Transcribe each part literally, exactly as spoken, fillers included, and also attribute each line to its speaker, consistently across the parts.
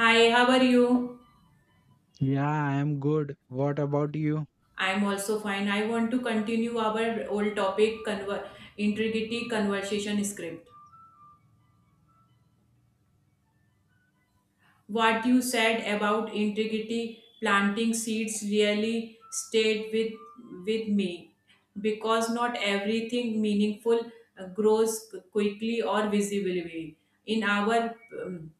Speaker 1: Hi, how are you?
Speaker 2: Yeah, I'm good. What about you?
Speaker 1: I'm also fine. I want to continue our old topic, conver- integrity conversation script. What you said about integrity planting seeds really stayed with with me because not everything meaningful uh, grows quickly or visibly. In our um,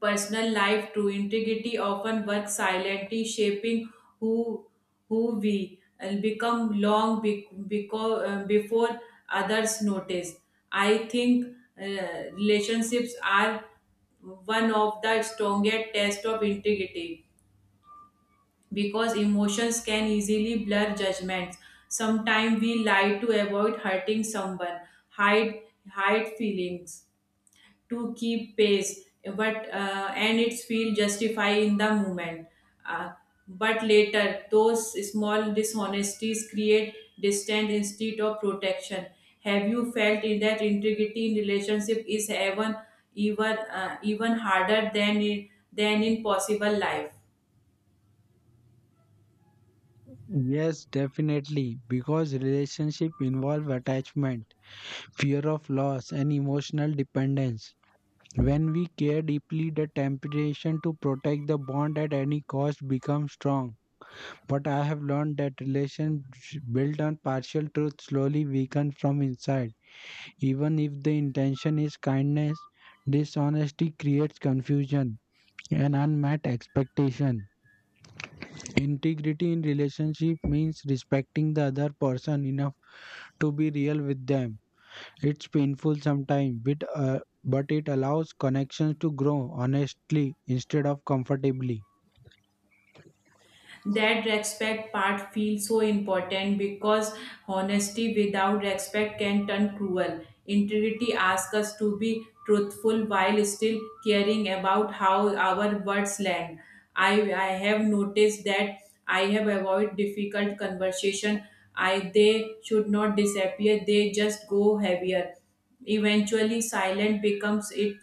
Speaker 1: personal life true integrity often works silently shaping who who we and become long because, before others notice. I think uh, relationships are one of the strongest tests of integrity because emotions can easily blur judgments. Sometimes we lie to avoid hurting someone, hide hide feelings to keep pace, but uh, and it's feel justify in the moment, uh, but later those small dishonesties create distance instead of protection. Have you felt in that integrity in relationship is even even uh, even harder than in, than in possible life?
Speaker 2: Yes, definitely. Because relationship involve attachment, fear of loss, and emotional dependence. When we care deeply, the temptation to protect the bond at any cost becomes strong. But I have learned that relations built on partial truth slowly weaken from inside. Even if the intention is kindness, dishonesty creates confusion and unmet expectation. Integrity in relationship means respecting the other person enough to be real with them. It's painful sometimes, but, uh, but it allows connections to grow honestly instead of comfortably.
Speaker 1: That respect part feels so important because honesty without respect can turn cruel. Integrity asks us to be truthful while still caring about how our words land. I i have noticed that I have avoided difficult conversation. I, they should not disappear, they just go heavier. Eventually silence becomes it,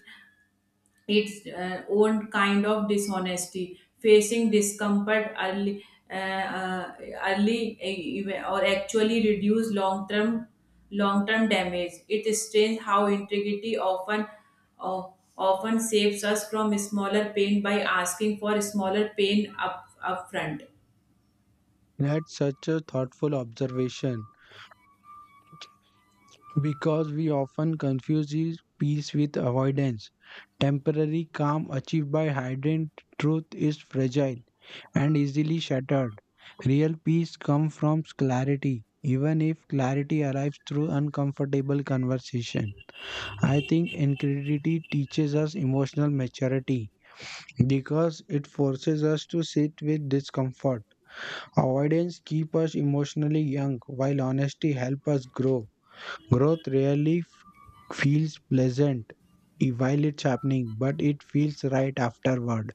Speaker 1: its uh, own kind of dishonesty. Facing discomfort early, uh, uh, early uh, ev- or actually reduce long term, long term damage. It is strange how integrity often, uh, often saves us from smaller pain by asking for smaller pain up upfront
Speaker 2: That's such a thoughtful observation. Because we often confuse these peace with avoidance. Temporary calm achieved by hidden truth is fragile and easily shattered. Real peace comes from clarity, even if clarity arrives through uncomfortable conversation. I think incredulity teaches us emotional maturity because it forces us to sit with discomfort. Avoidance keeps us emotionally young, while honesty helps us grow. Growth rarely feels pleasant i- while it's happening, but it feels right afterward.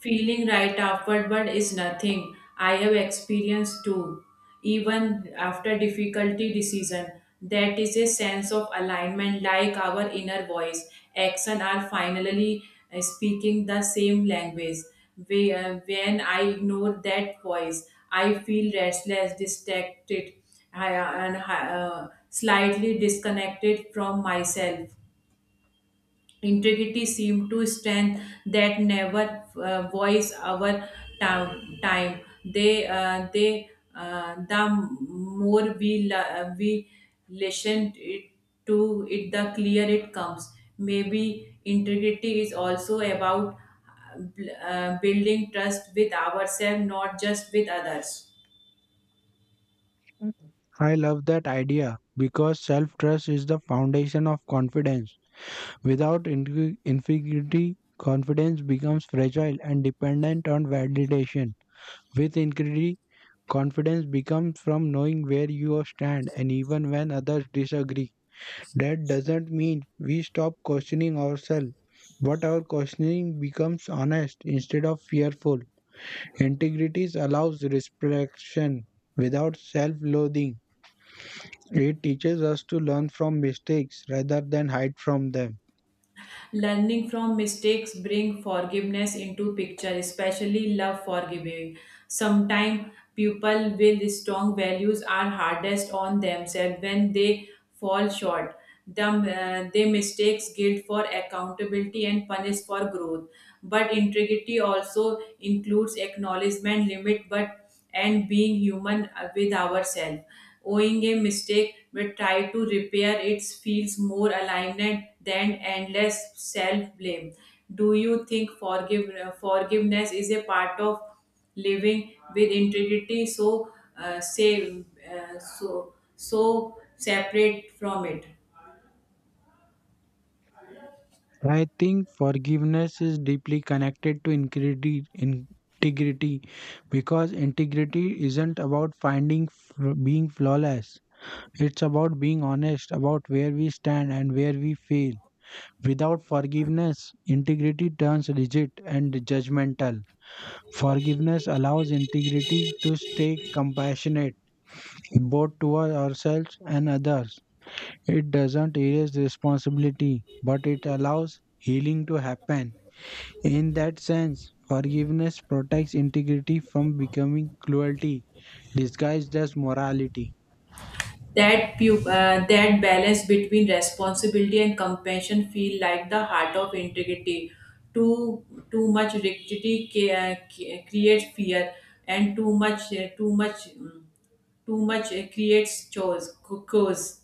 Speaker 1: Feeling right afterward is nothing I have experienced too. Even after difficulty decision, that is a sense of alignment like our inner voice. Action are finally uh, speaking the same language. We- uh, When I ignore that voice, I feel restless, distracted, I- uh, and uh, slightly disconnected from myself. Integrity seemed to strength that never, uh, voice our time time they uh, they uh, the more we la- uh, we listen it to it, the clear it comes. Maybe integrity is also about, uh, building trust with ourselves not just with others.
Speaker 2: Mhm. I love that idea because self trust is the foundation of confidence. Without ingu- insecurity, confidence becomes fragile and dependent on validation. With integrity, confidence becomes from knowing where you stand and even when others disagree. That doesn't mean we stop questioning ourselves, but our questioning becomes honest instead of fearful. Integrity allows reflection without self loathing. It teaches us to learn from mistakes rather than hide from them.
Speaker 1: Learning from mistakes bring forgiveness into picture, especially love forgiving. Sometimes people with strong values are hardest on themselves when they fall short. The, uh, they mistakes guilt for accountability and punish for growth. But integrity also includes acknowledgement limit but and being human with ourselves. Owing a mistake, but try to repair it feels more aligned than endless self blame. Do you think forgive, forgiveness is a part of living with integrity? So, uh, say, uh, so so separate from it.
Speaker 2: I think forgiveness is deeply connected to integrity, integrity because integrity isn't about finding f- being flawless. It's about being honest about where we stand and where we fail. Without forgiveness, integrity turns rigid and judgmental. Forgiveness allows integrity to stay compassionate, both toward ourselves and others. It doesn't erase responsibility, but it allows healing to happen. In that sense, forgiveness protects integrity from becoming cruelty, disguised as morality.
Speaker 1: that pu- uh, that balance between responsibility and compassion feel like the heart of integrity too. Too much rigidity ca- ca- creates fear, and too much uh, too much mm, too much uh, creates chores co- chores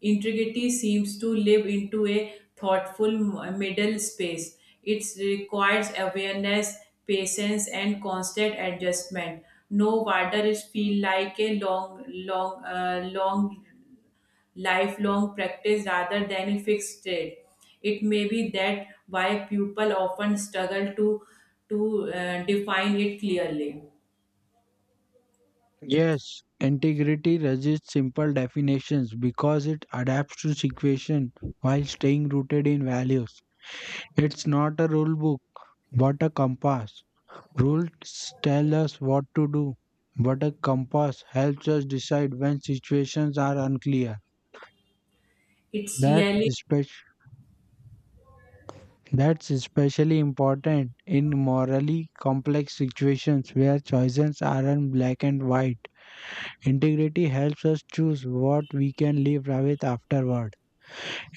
Speaker 1: Integrity seems to live into a thoughtful m- middle space. It requires awareness, patience and constant adjustment. No wonder it feel like a long long uh, long lifelong practice rather than a fixed trade. It may be that why people often struggle to to uh, define it clearly.
Speaker 2: Yes, integrity resists simple definitions because it adapts to situation while staying rooted in values. It's not a rule book, but a compass. Rules tell us what to do, but a compass helps us decide when situations are unclear.
Speaker 1: It's
Speaker 2: That's,
Speaker 1: really.
Speaker 2: espec- that's especially important in morally complex situations where choices aren't black and white. Integrity helps us choose what we can live with afterward.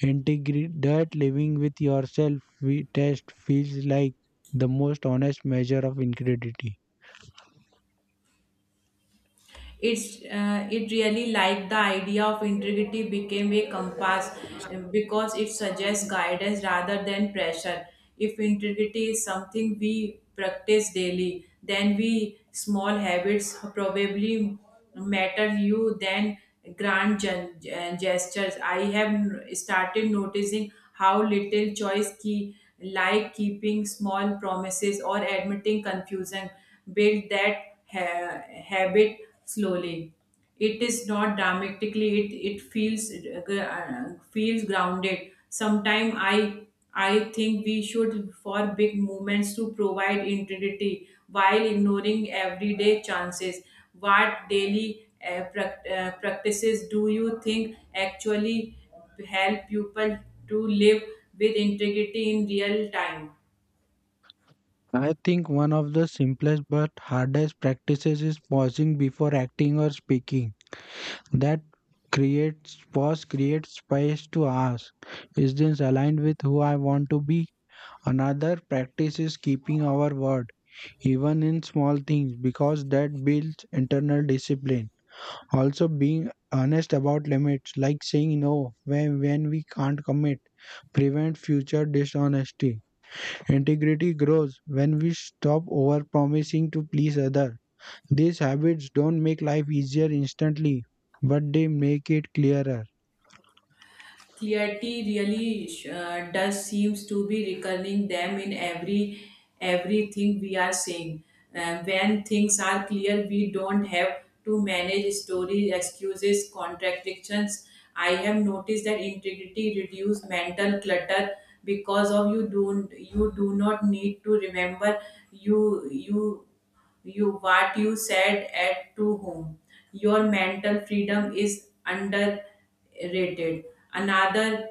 Speaker 2: Integrity that living with yourself we test feels like the most honest measure of integrity.
Speaker 1: It's uh, it really like the idea of integrity became a compass, uh, because it suggests guidance rather than pressure. If integrity is something we practice daily, then we small habits probably matter you than grand gen- gen- gestures. I have n- started noticing how little choice key, like keeping small promises or admitting confusion, build that ha- habit slowly. It is not dramatically, it it feels, uh, feels grounded. Sometimes i i think we should for big movements to provide integrity while ignoring everyday chances. What daily uh, prac- uh, practices do you think actually help people to live with integrity in real time?
Speaker 2: I think one of the simplest but hardest practices is pausing before acting or speaking. That creates pause creates space to ask, is this aligned with who I want to be? Another practice is keeping our word, even in small things, because that builds internal discipline. Also being honest about limits, like saying no when, when we can't commit, prevent future dishonesty. Integrity grows when we stop over promising to please others. These habits don't make life easier instantly, but they make it clearer.
Speaker 1: Clarity really, uh, does seems to be recurring them in every everything we are saying. Uh, when things are clear we don't have to manage stories, excuses, contradictions. I have noticed that integrity reduce mental clutter because of you don't, you do not need to remember you you you what you said at to whom. Your mental freedom is underrated. Another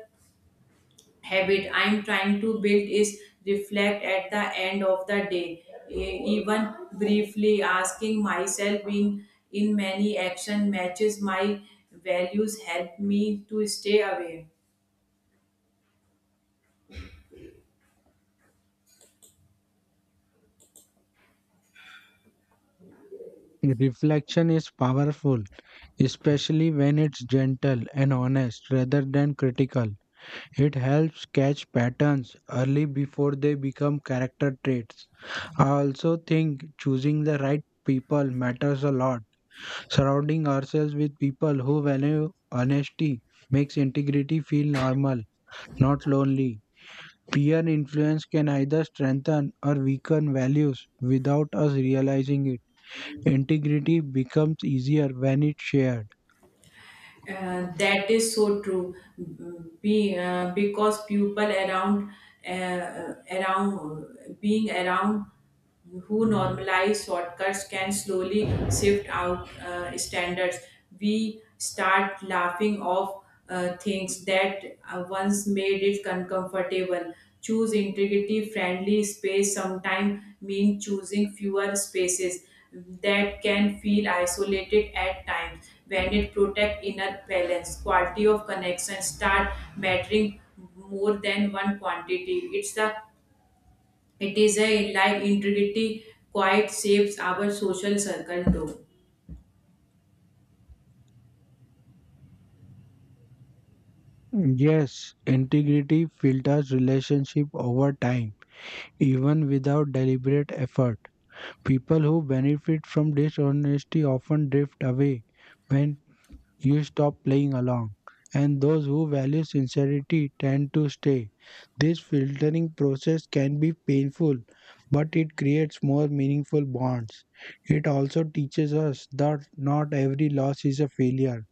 Speaker 1: habit I'm trying to build is reflect at the end of the day. E- even briefly asking myself in in many action matches my values help me to stay away.
Speaker 2: Reflection is powerful, especially when it's gentle and honest rather than critical. It helps catch patterns early before they become character traits. I also think choosing the right people matters a lot. Surrounding ourselves with people who value honesty makes integrity feel normal, not lonely. Peer influence can either strengthen or weaken values without us realizing it. Integrity becomes easier when it's shared.
Speaker 1: Uh, that is so true. Be, uh, because people around, uh, around being around who normalize shortcuts can slowly shift out, uh, standards. We start laughing off, uh, things that, uh, once made it uncomfortable. Choose integrity friendly space sometimes mean choosing fewer spaces. That can feel isolated at times when it protect inner balance, quality of connection start mattering more than one quantity. It's a it is a like integrity quite shapes our social circle too.
Speaker 2: Yes, integrity filters relationship over time, even without deliberate effort. People who benefit from dishonesty often drift away when you stop playing along, and those who value sincerity tend to stay. This filtering process can be painful, but it creates more meaningful bonds. It also teaches us that not every loss is a failure.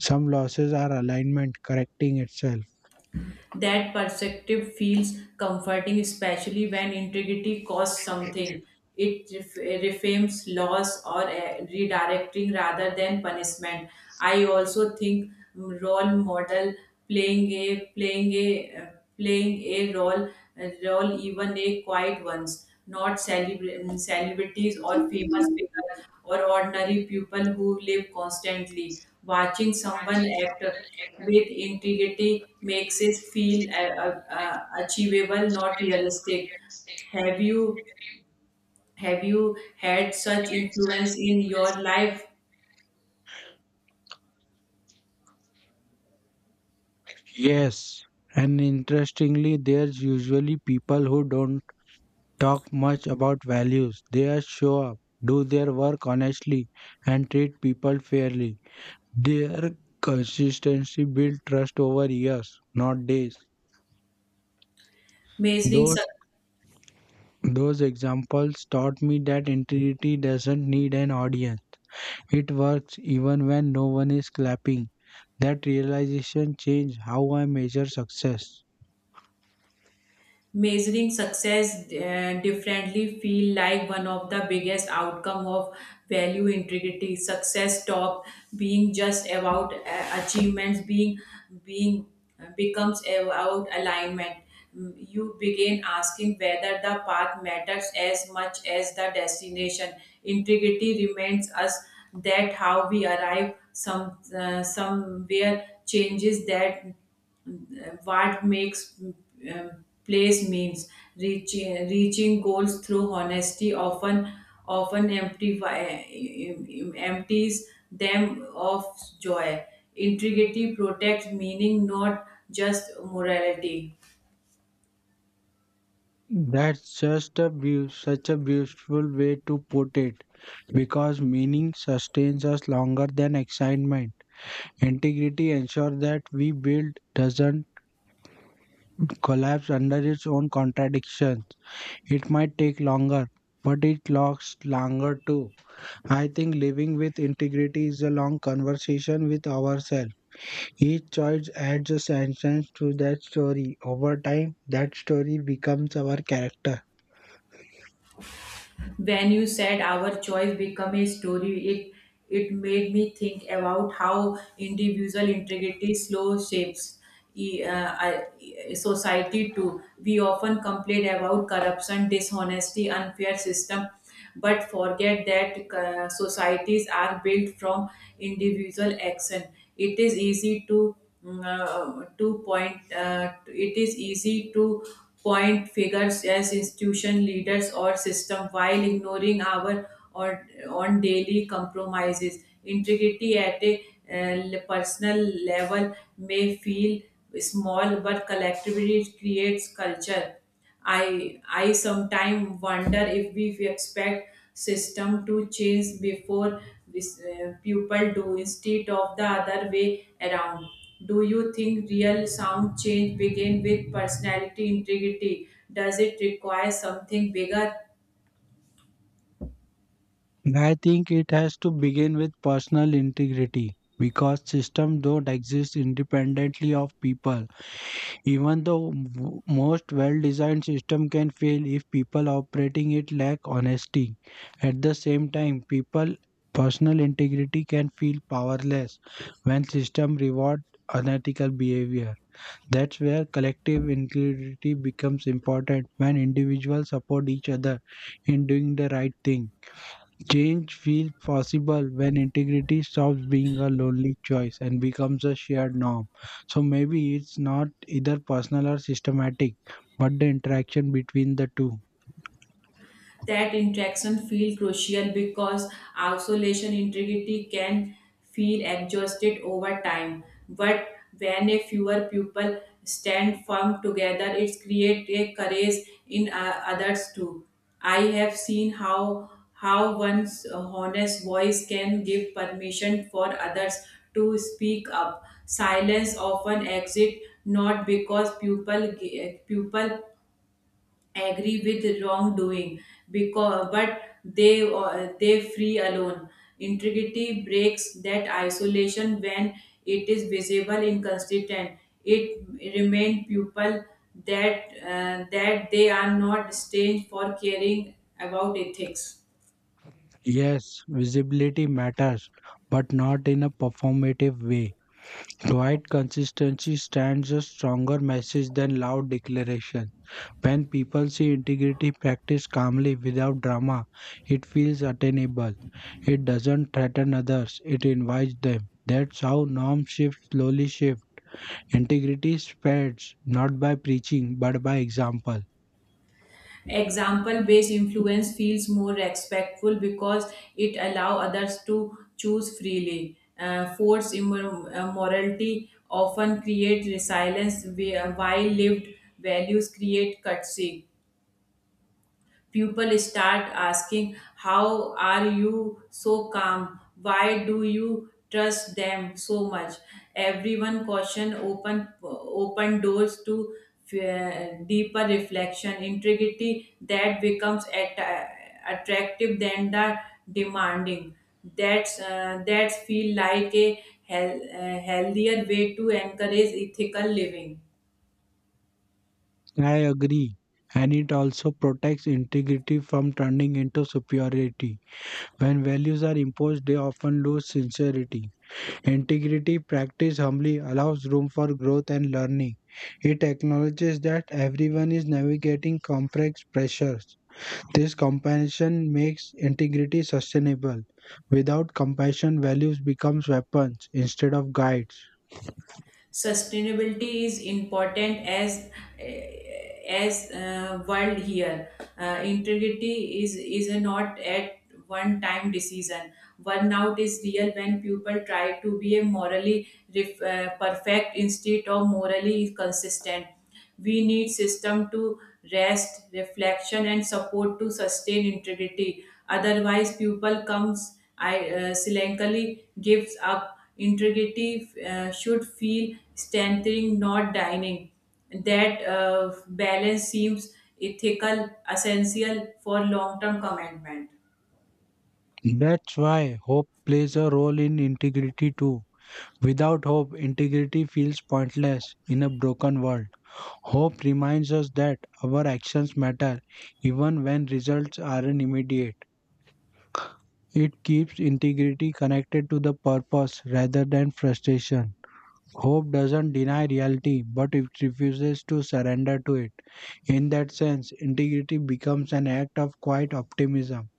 Speaker 2: Some losses are alignment correcting itself.
Speaker 1: That perspective feels comforting, especially when integrity costs something. It ref- reframes loss or, uh, redirecting rather than punishment. I also think role model, playing a, playing a uh, playing a role, a role, even a quiet ones, not celebra- celebrities or famous figures or ordinary people who live constantly. Watching someone act with integrity makes it feel, uh, uh, uh, achievable, not realistic. Have you have you had such influence in your life?
Speaker 2: Yes, and interestingly, there's usually people who don't talk much about values. They are show up, do their work honestly, and treat people fairly. Their consistency built trust over years, not days.
Speaker 1: measuring
Speaker 2: Those those examples taught me that integrity doesn't need an audience. It works even when no one is clapping. That realization changed how I measure success.
Speaker 1: measuring success, uh, differently feel like one of the biggest outcome of value integrity. Success stop being just about, uh, achievements, being being uh, becomes about alignment. Mm, you begin asking whether the path matters as much as the destination. Integrity reminds us that how we arrive some, uh, somewhere changes that, uh, what makes, uh, place means. Reaching reaching goals through honesty often, often empty, empties them of joy. Integrity protects meaning, not just morality.
Speaker 2: That's just a beau- Such a beautiful way to put it because meaning sustains us longer than excitement. Integrity ensures that we build doesn't collapse under its own contradictions. It might take longer, but it lasts longer too. I think living with integrity is a long conversation with ourselves. Each choice adds a sentence to that story. Over time, that story becomes our character.
Speaker 1: When you said our choice become a story, it it made me think about how individual integrity slow shapes e- uh, I- e- society too. We often complain about corruption, dishonesty, unfair system, but forget that, uh, societies are built from individual action. It is easy to, mm, uh, to point uh, it is easy to point figures as institution leaders or system while ignoring our or on daily compromises. Integrity at a, uh, personal level may feel small but collectively it creates culture. I I sometimes wonder if we expect system to change before this, uh, people do instead of the other way around. Do you think real sound change begin with personality integrity? Does it require something bigger?
Speaker 2: I think it has to begin with personal integrity because systems don't exist independently of people. Even the w- most well designed system can fail if people operating it lack honesty. At the same time, people personal integrity can feel powerless when system reward unethical behavior. That's where collective integrity becomes important when individuals support each other in doing the right thing. Change feels possible when integrity stops being a lonely choice and becomes a shared norm. So maybe it's not either personal or systematic, but the interaction between the two.
Speaker 1: That interaction feel crucial because isolation integrity can feel exhausted over time, but when a fewer people stand firm together it create a courage in, uh, others too. I have seen how how one's honest voice can give permission for others to speak up. Silence often exit not because people people agree with wrongdoing because, but they uh, they free alone. Integrity breaks that isolation when it is visible inconsistent, it remain people that uh, that they are not strange for caring about ethics.
Speaker 2: Yes, visibility matters, but not in a performative way. Quiet consistency stands a stronger message than loud declaration. When people see integrity practiced calmly without drama, it feels attainable. It doesn't threaten others, it invites them. That's how norms shift slowly shift. Integrity spreads not by preaching but by example.
Speaker 1: Example based influence feels more respectful because it allow others to choose freely. Uh, forced immor- uh, morality often create resilience, where- while lived values create courtesy. People start asking, how are you so calm? Why do you trust them so much? Everyone caution open open doors to, uh, deeper reflection. Integrity that becomes at, uh, attractive than the demanding. That's uh, that feel like a hel- uh, healthier way to encourage ethical living.
Speaker 2: I agree. And it also protects integrity from turning into superiority. When values are imposed, they often lose sincerity. Integrity practiced humbly allows room for growth and learning. It acknowledges that everyone is navigating complex pressures. This compassion makes integrity sustainable. Without compassion, values become weapons instead of guides.
Speaker 1: Sustainability is important as as uh, world here, uh, integrity is is a not at one time decision. Burnout is real when people try to be a morally ref, uh, perfect instead of morally consistent. We need system to rest, reflection, and support to sustain integrity. Otherwise, pupil comes I, uh, silently gives up. Integrity, uh, should feel strengthening, not dining. That, uh, balance seems ethical, essential for long-term commitment.
Speaker 2: That's why hope plays a role in integrity too. Without hope, integrity feels pointless in a broken world. Hope reminds us that our actions matter even when results aren't immediate. It keeps integrity connected to the purpose rather than frustration. Hope doesn't deny reality, but it refuses to surrender to it. In that sense, integrity becomes an act of quiet optimism.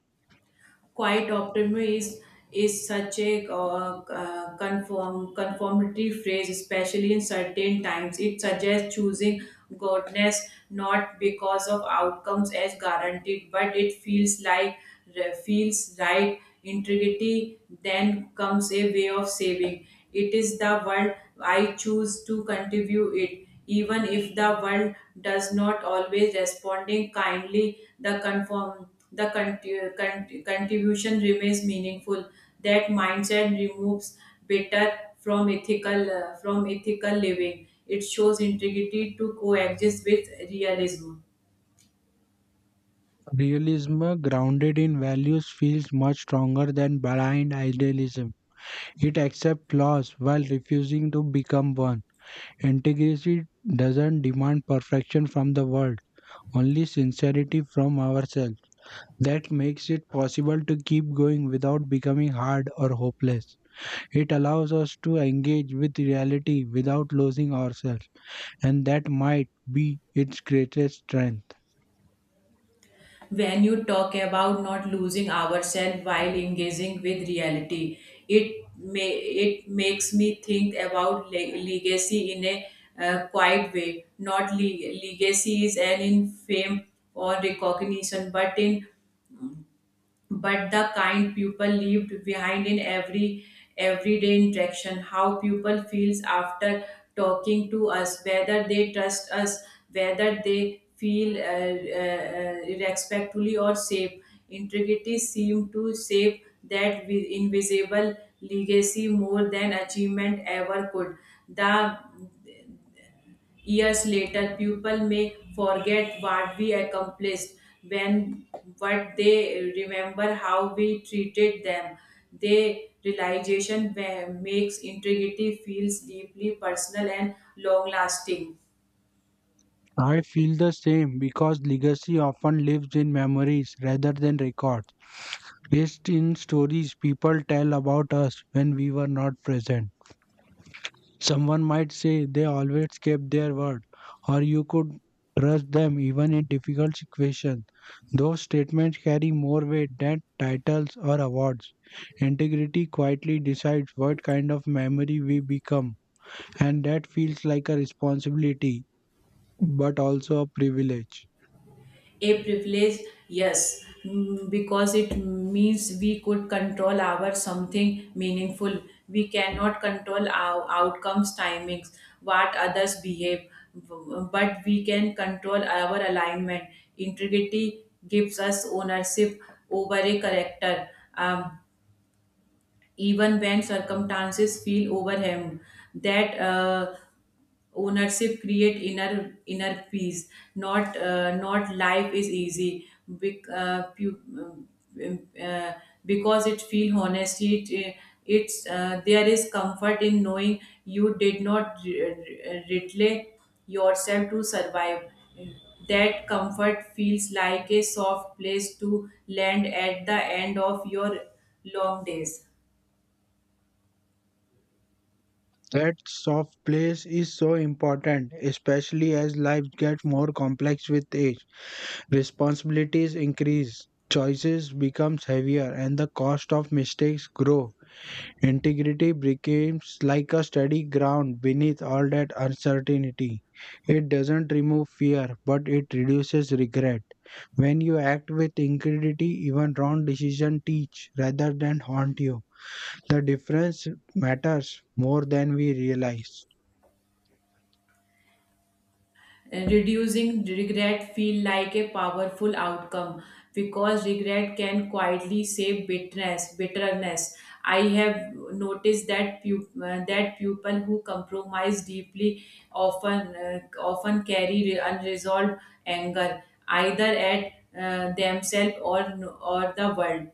Speaker 1: Quiet optimism is is such a, uh, uh, conform, conformity phrase, especially in certain times. It suggests choosing goodness not because of outcomes as guaranteed, but it feels like feels right. Integrity then comes a way of saving. It is the world I choose to contribute it, even if the world does not always responding kindly. The conform, the conti- con- contribution remains meaningful. That mindset removes better from ethical, uh, from ethical living. It shows integrity to coexist with realism.
Speaker 2: Realism grounded in values feels much stronger than blind idealism. It accepts flaws while refusing to become one. Integrity doesn't demand perfection from the world, only sincerity from ourselves. That makes it possible to keep going without becoming hard or hopeless. It allows us to engage with reality without losing ourselves, and that might be its greatest strength.
Speaker 1: When you talk about not losing ourselves while engaging with reality, it may, it makes me think about le- legacy in a, uh, quiet way. Not le- legacy is an in fame or recognition, but in, but the kind people leave behind in every everyday interaction. How people feels after talking to us, whether they trust us, whether they feel, uh, uh, respectfully or safe. Integrity seem to save that vi- invisible legacy more than achievement ever could. The years later, people may forget what we accomplished when what they remember how we treated them. The realization ma- makes integrity feels deeply personal and long lasting.
Speaker 2: I feel the same because legacy often lives in memories rather than records, based in stories people tell about us when we were not present. Someone might say they always kept their word, or you could trust them even in difficult situations. Those statements carry more weight than titles or awards. Integrity quietly decides what kind of memory we become, and that feels like a responsibility but also a privilege.
Speaker 1: A privilege, yes, mm, because it means we could control our something meaningful. We cannot control our outcomes, timings, what others behave, b- but we can control our alignment. Integrity gives us ownership over a character, um, even when circumstances feel overwhelmed. That, uh, ownership create inner inner peace, not, uh, not life is easy. Bec- uh, pu- um, uh, because it feel honesty it, uh, it's uh, there is comfort in knowing you did not re- re- relay yourself to survive. That comfort feels like a soft place to land at the end of your long days.
Speaker 2: That soft place is so important, especially as life gets more complex with age. Responsibilities increase, choices becomes heavier, and the cost of mistakes grow. Integrity becomes like a steady ground beneath all that uncertainty. It doesn't remove fear, but it reduces regret. When you act with integrity, even wrong decisions teach rather than haunt you. The difference matters more than we realize.
Speaker 1: Reducing regret feel like a powerful outcome because regret can quietly save bitterness. Bitterness. I have noticed that pu- uh, that people who compromise deeply often, uh, often carry re- unresolved anger either at, uh, themselves or or the world.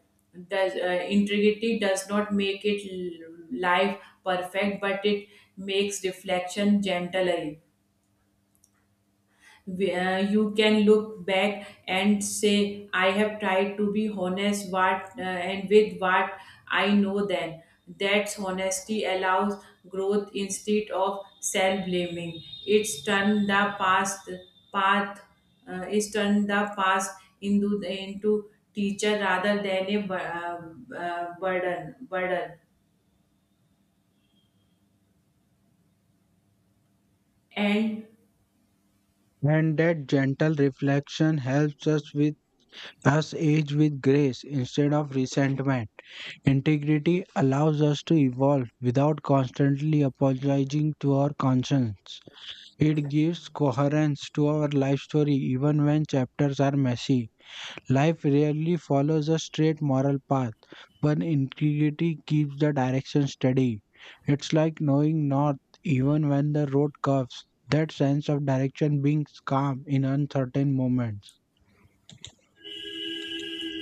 Speaker 1: The, uh, integrity does not make it l- life perfect, but it makes reflection gentler where you can look back and say I have tried to be honest what, uh, and with what I know then. That's honesty allows growth instead of self blaming. It's turned the past path, uh, it's turned the past into into teacher rather than a bu- uh, uh, burden burden and.
Speaker 2: And that gentle reflection helps us with us age with grace instead of resentment. Integrity allows us to evolve without constantly apologizing to our conscience. It gives coherence to our life story even when chapters are messy. Life rarely follows a straight moral path, but integrity keeps the direction steady. It's like knowing north even when the road curves, that sense of direction being calm in uncertain moments.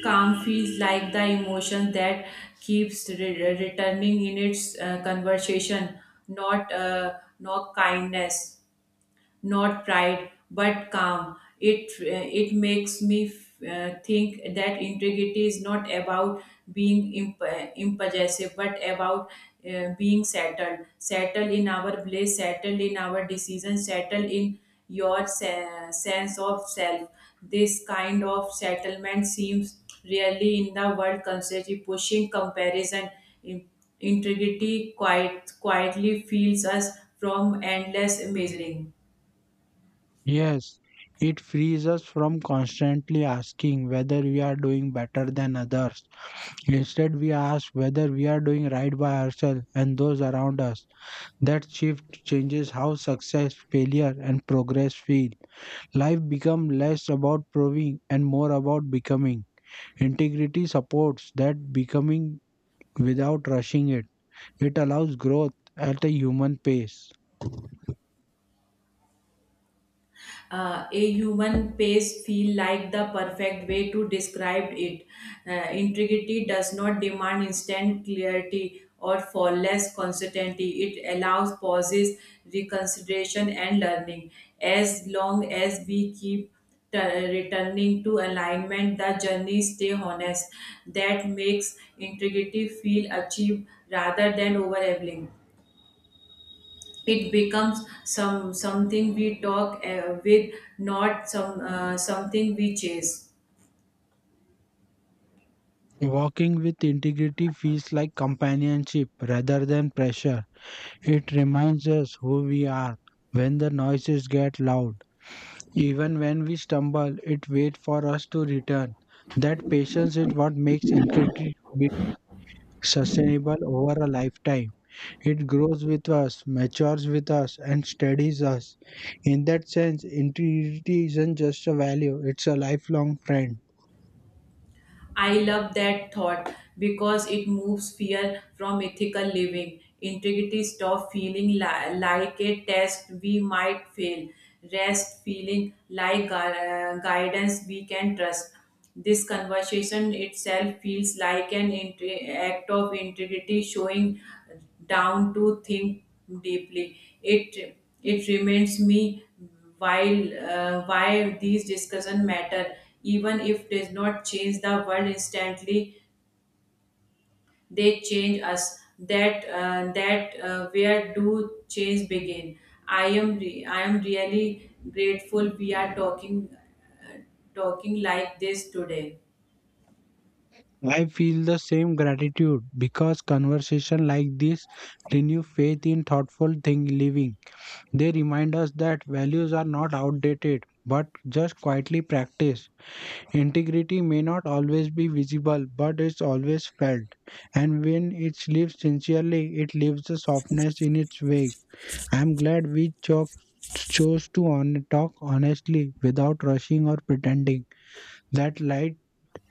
Speaker 1: Calm feels like the emotion that keeps re- returning in its, uh, conversation, not, uh, not kindness, not pride, but calm. It, uh, it makes me, uh, think that integrity is not about being imp- impulsive but about, uh, being settled, settled in our place, settled in our decisions, settled in your se- sense of self. This kind of settlement seems really in the world constantly pushing comparison. In- Integrity quite quietly feels us from endless measuring.
Speaker 2: Yes, it frees us from constantly asking whether we are doing better than others. Instead, we ask whether we are doing right by ourselves and those around us. That shift changes how success, failure, and progress feel. Life becomes less about proving and more about becoming. Integrity supports that becoming without rushing it. It allows growth at a human pace.
Speaker 1: Uh, a human pace feel like the perfect way to describe it. Uh, integrity does not demand instant clarity or flawless consistency. It allows pauses, reconsideration, and learning. As long as we keep t- returning to alignment, the journey stay honest. That makes integrity feel achieved rather than overwhelming. It becomes some something we talk, uh, with, not some, uh, something we chase.
Speaker 2: Walking with integrity feels like companionship rather than pressure. It reminds us who we are. When the noises get loud, even when we stumble, it waits for us to return. That patience is what makes integrity sustainable over a lifetime. It grows with us, matures with us, and steadies us. In that sense, integrity isn't just a value, it's a lifelong friend.
Speaker 1: I love that thought because it moves fear from ethical living. Integrity stop feeling li- like a test we might fail. Rest feeling like gu- uh, guidance we can trust. This conversation itself feels like an inte- act of integrity, showing down to think deeply. It it reminds me while, uh, why these discussions matter even if does not change the world instantly, they change us. That uh, that uh, Where do change begin? i am re- I am really grateful we are talking talking like this today.
Speaker 2: I feel the same gratitude because conversation like this renew faith in thoughtful thing living. They remind us that values are not outdated but just quietly practiced. Integrity may not always be visible, but it's always felt. And when it's lived sincerely, it leaves a softness in its wake. I'm glad we cho- Chose to on- talk honestly without rushing or pretending. That light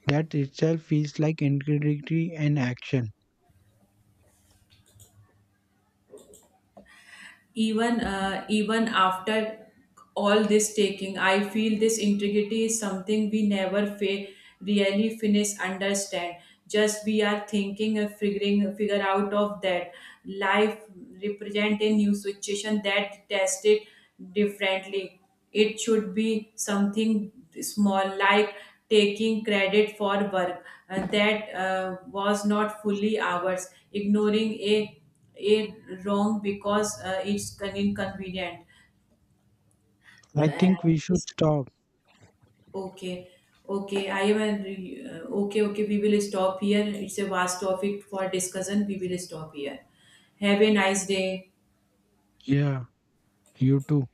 Speaker 2: that itself feels like integrity in action.
Speaker 1: Even, uh, even after all this taking I feel this integrity is something we never fa- really finish understand. Just we are thinking and figuring figure out of that life. Represent a new situation that tested differently. It should be something small like taking credit for work, uh, that, uh, was not fully ours, ignoring a it wrong because, uh, it's con- inconvenient
Speaker 2: I
Speaker 1: and
Speaker 2: think we should
Speaker 1: it's,
Speaker 2: stop.
Speaker 1: okay, okay i am an- uh, okay okay, we will stop here. It's a vast topic for discussion, we will stop here. Have a nice day.
Speaker 2: Yeah, you too.